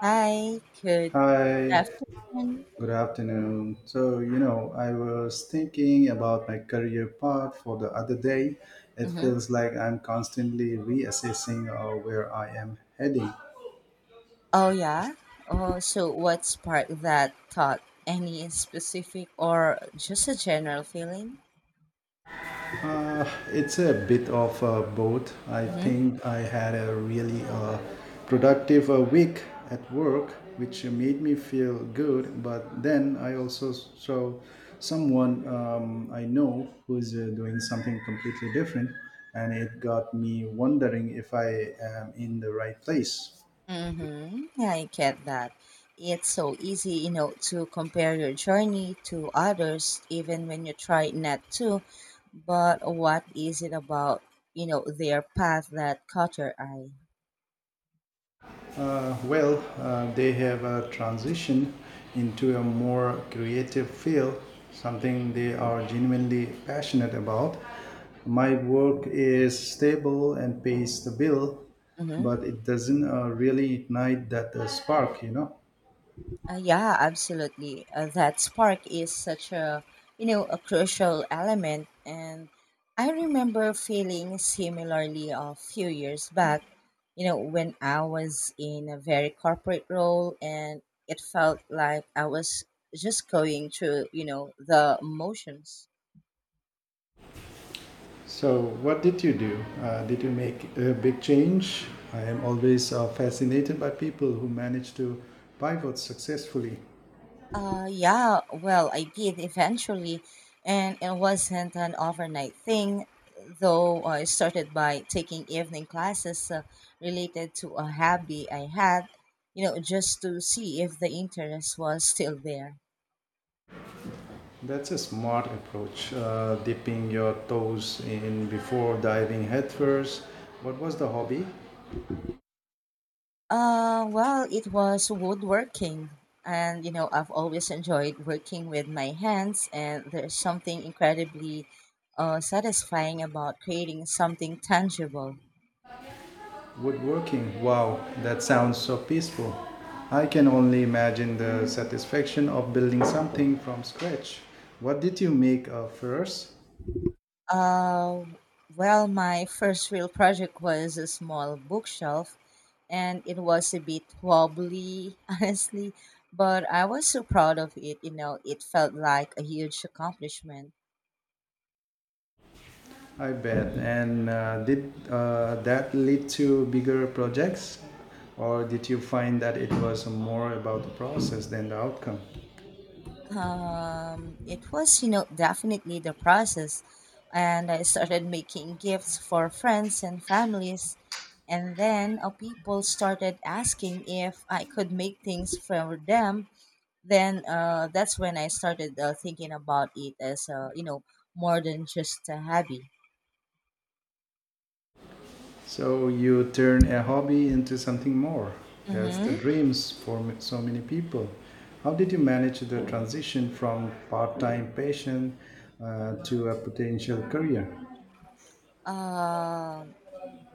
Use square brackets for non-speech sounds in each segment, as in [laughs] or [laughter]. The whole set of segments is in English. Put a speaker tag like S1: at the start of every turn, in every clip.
S1: Hi, good
S2: Hi,
S1: afternoon.
S2: good afternoon. So, you know, I was thinking about my career path for the other day. It
S1: Hmm.
S2: feels like I'm constantly reassessing where I am heading.
S1: Oh, yeah. Oh, so what sparked that thought? Any specific or just a general feeling?
S2: It's a bit of both. I
S1: Mm-hmm.
S2: think I had a really productive week at work, which made me feel good. But then I also saw someone I know who's doing something completely different, and it got me wondering if I am in the right place.
S1: Mm-hmm. I get that. It's so easy, to compare your journey to others, even when you try not to. But what is it about, their path that caught your eye?
S2: They have a transition into a more creative field, something they are genuinely passionate about. My work is stable and pays the bill,
S1: Mm-hmm.
S2: but it doesn't really ignite that spark, you know.
S1: Yeah, absolutely. That spark is such a a crucial element, and I remember feeling similarly a few years back. When I was in a very corporate role, and it felt like I was just going through the motions.
S2: So, what did you do? Did you make a big change? I am always fascinated by people who manage to pivot successfully.
S1: Yeah, well, I did eventually, and it wasn't an overnight thing, though I started by taking evening classes related to a hobby I had, just to see if the interest was still there.
S2: That's a smart approach, dipping your toes in before diving headfirst. What was the hobby?
S1: Well, it was woodworking, and I've always enjoyed working with my hands, and there's something incredibly satisfying about creating something tangible.
S2: Woodworking. Wow, that sounds so peaceful. I can only imagine the satisfaction of building something from scratch. What did you make first?
S1: Uh, well, my first real project was a small bookshelf, and it was a bit wobbly, [laughs] honestly, but I was so proud of it. It felt like a huge accomplishment.
S2: I bet. And did that lead to bigger projects? Or did you find that it was more about the process than the outcome?
S1: It was, definitely the process, and I started making gifts for friends and families, and then people started asking if I could make things for them then that's when I started thinking about it as a, more than just a hobby.
S2: So you turn a hobby into something more. That's the
S1: Mm-hmm.
S2: dreams for so many people. How did you manage the transition from part-time passion to a potential career?
S1: Um,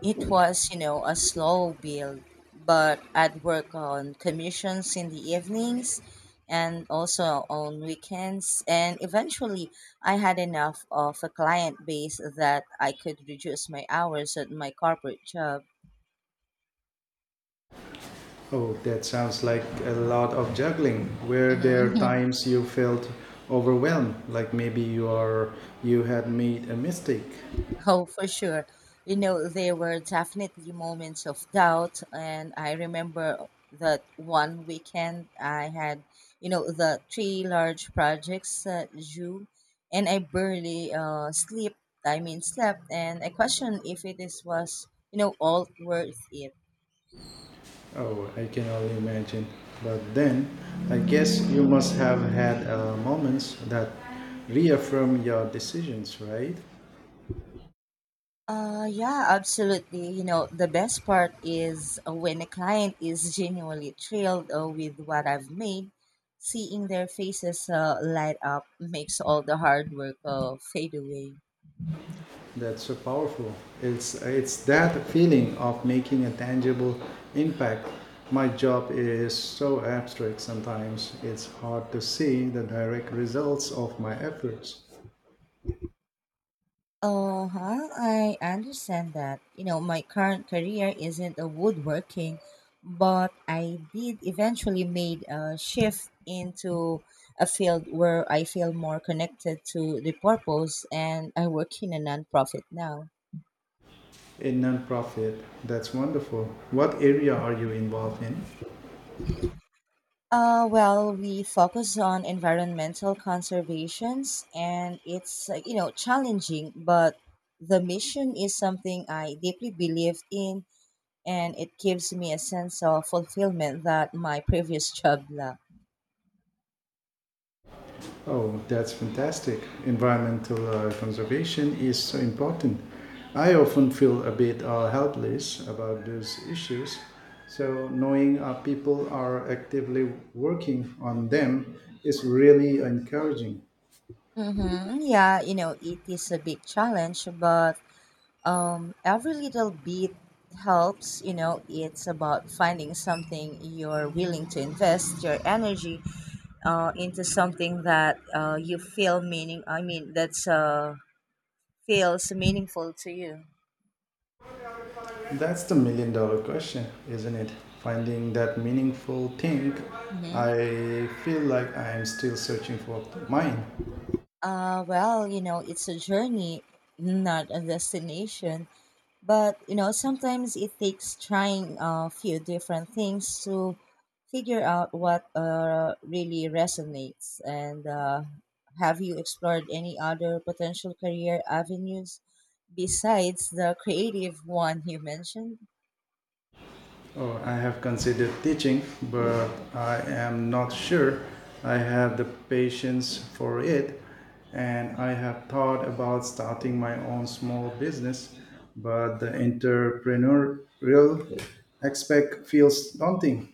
S1: it was a slow build, but I'd work on commissions in the evenings, and also on weekends. And eventually, I had enough of a client base that I could reduce my hours at my corporate job.
S2: Oh, that sounds like a lot of juggling. Were there
S1: Mhm. [laughs]
S2: times you felt overwhelmed, like maybe you had made a mistake?
S1: Oh, for sure. There were definitely moments of doubt, and I remember that one weekend I had, the three large projects due, and I barely sleep. I mean, slept, and I questioned if it is was, all worth it.
S2: Oh, I can only imagine. But then, I guess you must have had moments that reaffirm your decisions, right?
S1: Yeah, absolutely. The best part is when a client is genuinely thrilled with what I've made, seeing their faces light up makes all the hard work fade away.
S2: That's so powerful. It's that feeling of making a tangible impact. My job is so abstract sometimes. It's hard to see the direct results of my efforts.
S1: Uh huh. I understand that. My current career isn't a woodworking, but I did eventually made a shift into a field where I feel more connected to the purpose, and I work in a nonprofit now.
S2: In nonprofit, that's wonderful. What area are you involved in?
S1: Well, we focus on environmental conservations, and it's challenging, but the mission is something I deeply believe in and it gives me a sense of fulfillment that my previous [laughs] job lacked.
S2: Oh, that's fantastic. Environmental conservation is so important. I often feel a bit helpless about those issues. So, knowing our people are actively working on them is really encouraging.
S1: Mm-hmm. Yeah, it is a big challenge, but every little bit helps. It's about finding something you're willing to invest your energy into something that you feel meaning. I mean, that's feels meaningful to you.
S2: That's the million-dollar question, isn't it? Finding that meaningful thing.
S1: Mm-hmm.
S2: I feel like I am still searching for mine.
S1: Well, it's a journey, not a destination. But sometimes it takes trying a few different things to figure out what really resonates. And have you explored any other potential career avenues besides the creative one you mentioned?
S2: Oh, I have considered teaching, but I am not sure I have the patience for it. And I have thought about starting my own small business, but the entrepreneurial aspect feels daunting.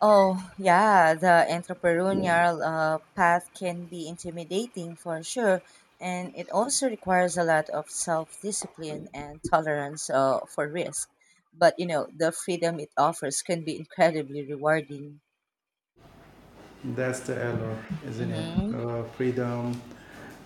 S1: Oh, yeah, the entrepreneurial path can be intimidating for sure, and it also requires a lot of self-discipline and tolerance for risk. But the freedom it offers can be incredibly rewarding.
S2: That's the allure, isn't it?
S1: Mm-hmm.
S2: Freedom.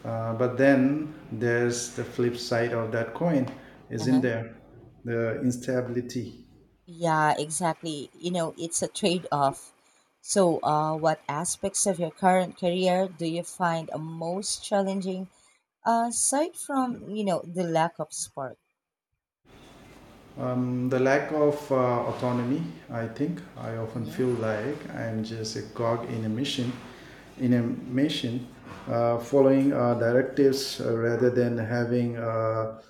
S2: But then there's the flip side of that coin, isn't
S1: Uh-huh.
S2: there? The instability.
S1: Yeah, exactly. It's a trade-off. So, what aspects of your current career do you find most challenging, aside from, the lack of spark?
S2: The lack of autonomy, I think. I often feel like I'm just a cog in a machine, in a machine, following directives rather than having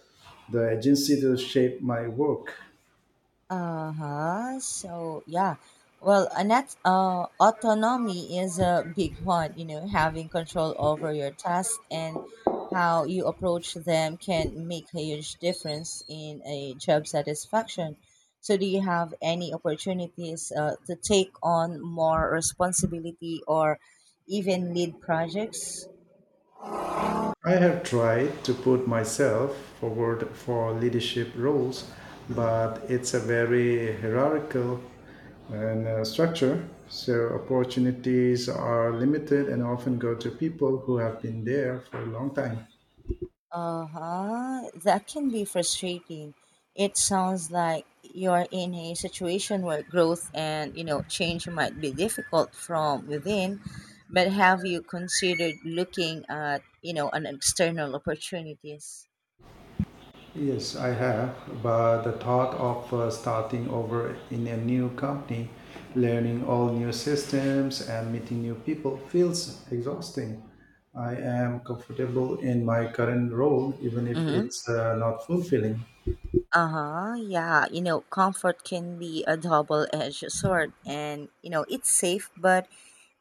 S2: the agency to shape my work.
S1: Uh-huh. So yeah. Well, Annette, autonomy is a big one, having control over your tasks and how you approach them can make a huge difference in a job satisfaction. So do you have any opportunities to take on more responsibility or even lead projects?
S2: I have tried to put myself forward for leadership roles, but it's a very hierarchical and structure. So opportunities are limited and often go to people who have been there for a long time.
S1: Uh huh. That can be frustrating. It sounds like you're in a situation where growth and change might be difficult from within. But have you considered looking at an external opportunities?
S2: Yes, I have, but the thought of starting over in a new company, learning all new systems and meeting new people feels exhausting. I am comfortable in my current role, even if
S1: Hmm.
S2: it's not fulfilling.
S1: Uh huh. Yeah. Comfort can be a double edged sword. And, it's safe, but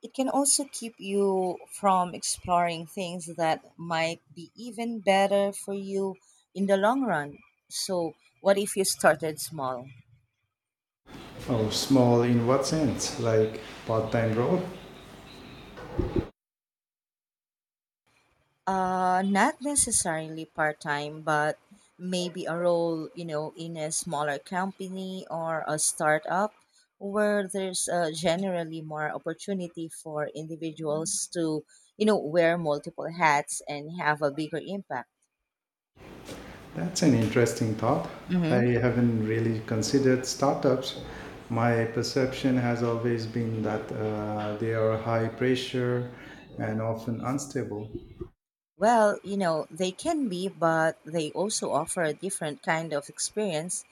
S1: it can also keep you from exploring things that might be even better for you in the long run. So, what if you started small?
S2: Oh, small in what sense? Like part time role?
S1: Not necessarily part time, but maybe a role, in a smaller company or a startup where there's generally more opportunity for individuals to, wear multiple hats and have a bigger impact.
S2: That's an interesting thought. I
S1: Hmm.
S2: haven't really considered startups. My perception has always been that they are high pressure and often unstable.
S1: Well, they can be, but they also offer a different kind of experience.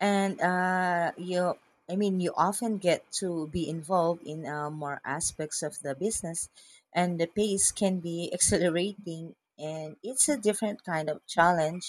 S1: And you, I mean, you often get to be involved in more aspects of the business, and the pace can be [laughs] exhilarating, and it's a different kind of challenge.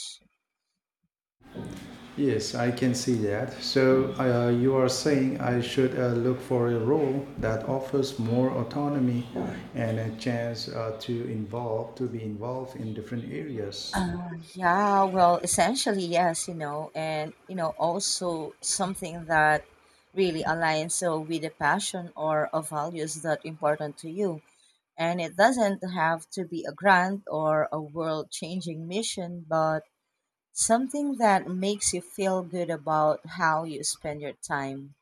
S2: Yes, I can see that. So you are saying I should look for a role that offers more autonomy and a chance to be involved in different areas.
S1: Yeah, well, essentially, yes, and also something that really aligns so with a passion or a values that important to you. And it doesn't have to be a grand or a world-changing mission, but something that makes you feel good about how you spend your time.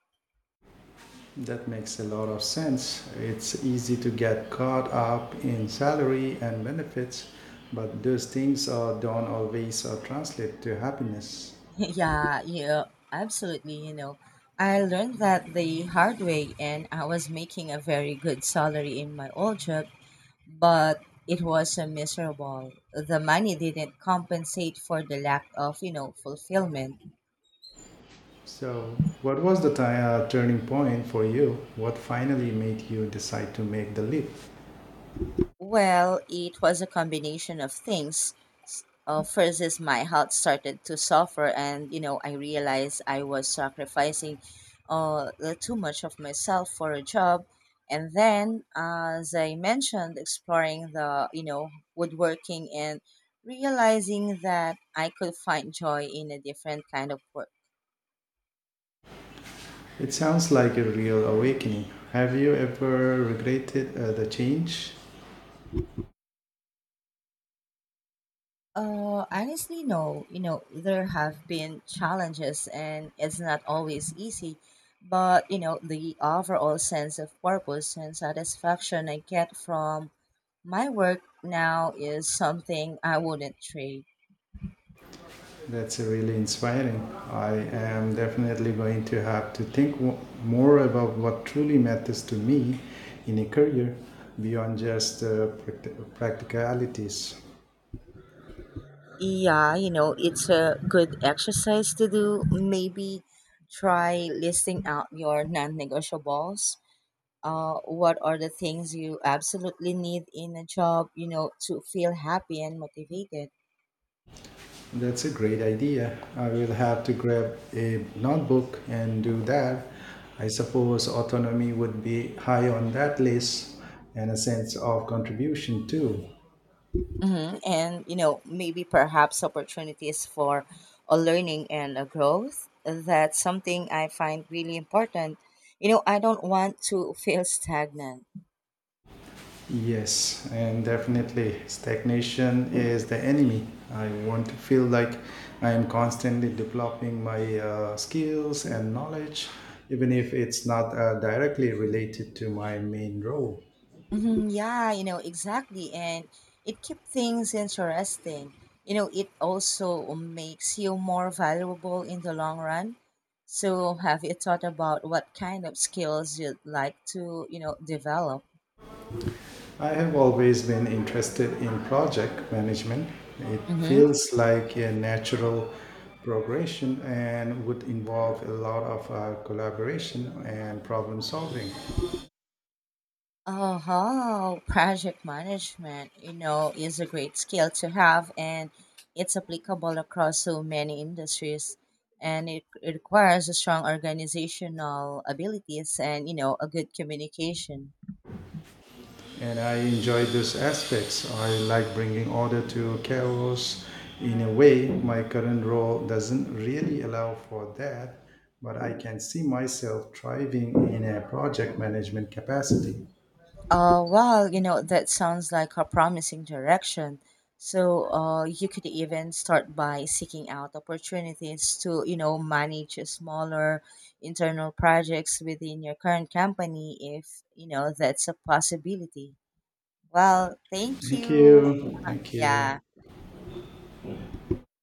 S2: That makes a lot of sense. It's easy to get caught up in salary and benefits, but those things don't always translate to happiness.
S1: [laughs] Yeah, yeah, absolutely. I learned that the hard way, and I was making a very good salary in my old job, but it was miserable. The money didn't compensate for the lack of, fulfillment.
S2: So, what was the ti turning point for you? What finally made you decide to make the leap?
S1: Well, it was a combination of things. First is my health started to suffer, and I realized I was sacrificing too much of myself for a job. And then, as I mentioned, exploring the woodworking and realizing that I could find joy in a different kind of work.
S2: It sounds like a real awakening. Have you ever regretted the change?
S1: Honestly, no. There have been challenges, and it's not always easy. But the overall sense of purpose and satisfaction I get from my work now is something I wouldn't trade.
S2: That's really inspiring. I am definitely going to have to more about what truly matters to me in a career beyond just practicalities.
S1: Yeah, it's a good exercise to do. Maybe try listing out your non-negotiables. What are the things you absolutely need in a job? To feel happy and motivated.
S2: That's a great idea. I will have to grab a notebook and do that. I suppose autonomy would be high on that list and a sense of contribution too.
S1: Hmm. And maybe perhaps opportunities for a learning and a growth. That's something I find really important. I don't want to feel stagnant.
S2: Yes, and definitely stagnation is the enemy. I want to feel like I am constantly developing my skills and knowledge, even if it's not directly related to my main role.
S1: Hmm. Yeah, exactly. And it keeps things interesting. It also makes you more valuable in the long run. So, have you thought about what kind of skills you'd like to, develop?
S2: I have always been interested in project management. It
S1: Mm-hmm.
S2: feels like a natural progression and would involve a lot of collaboration and problem solving.
S1: Oh, project management, is a great skill to have and it's applicable across so many industries and it requires a strong organizational abilities and, a good communication.
S2: And I enjoy those aspects. I like bringing order to chaos. In a way, my current role doesn't really allow for that, but I can see myself thriving in a project management capacity.
S1: Well, that sounds like a promising direction. So, you could even start by seeking out opportunities to, manage smaller internal projects within your current company if, that's a possibility. Well, thank
S2: Thank
S1: you.
S2: you. Thank you.
S1: Yeah.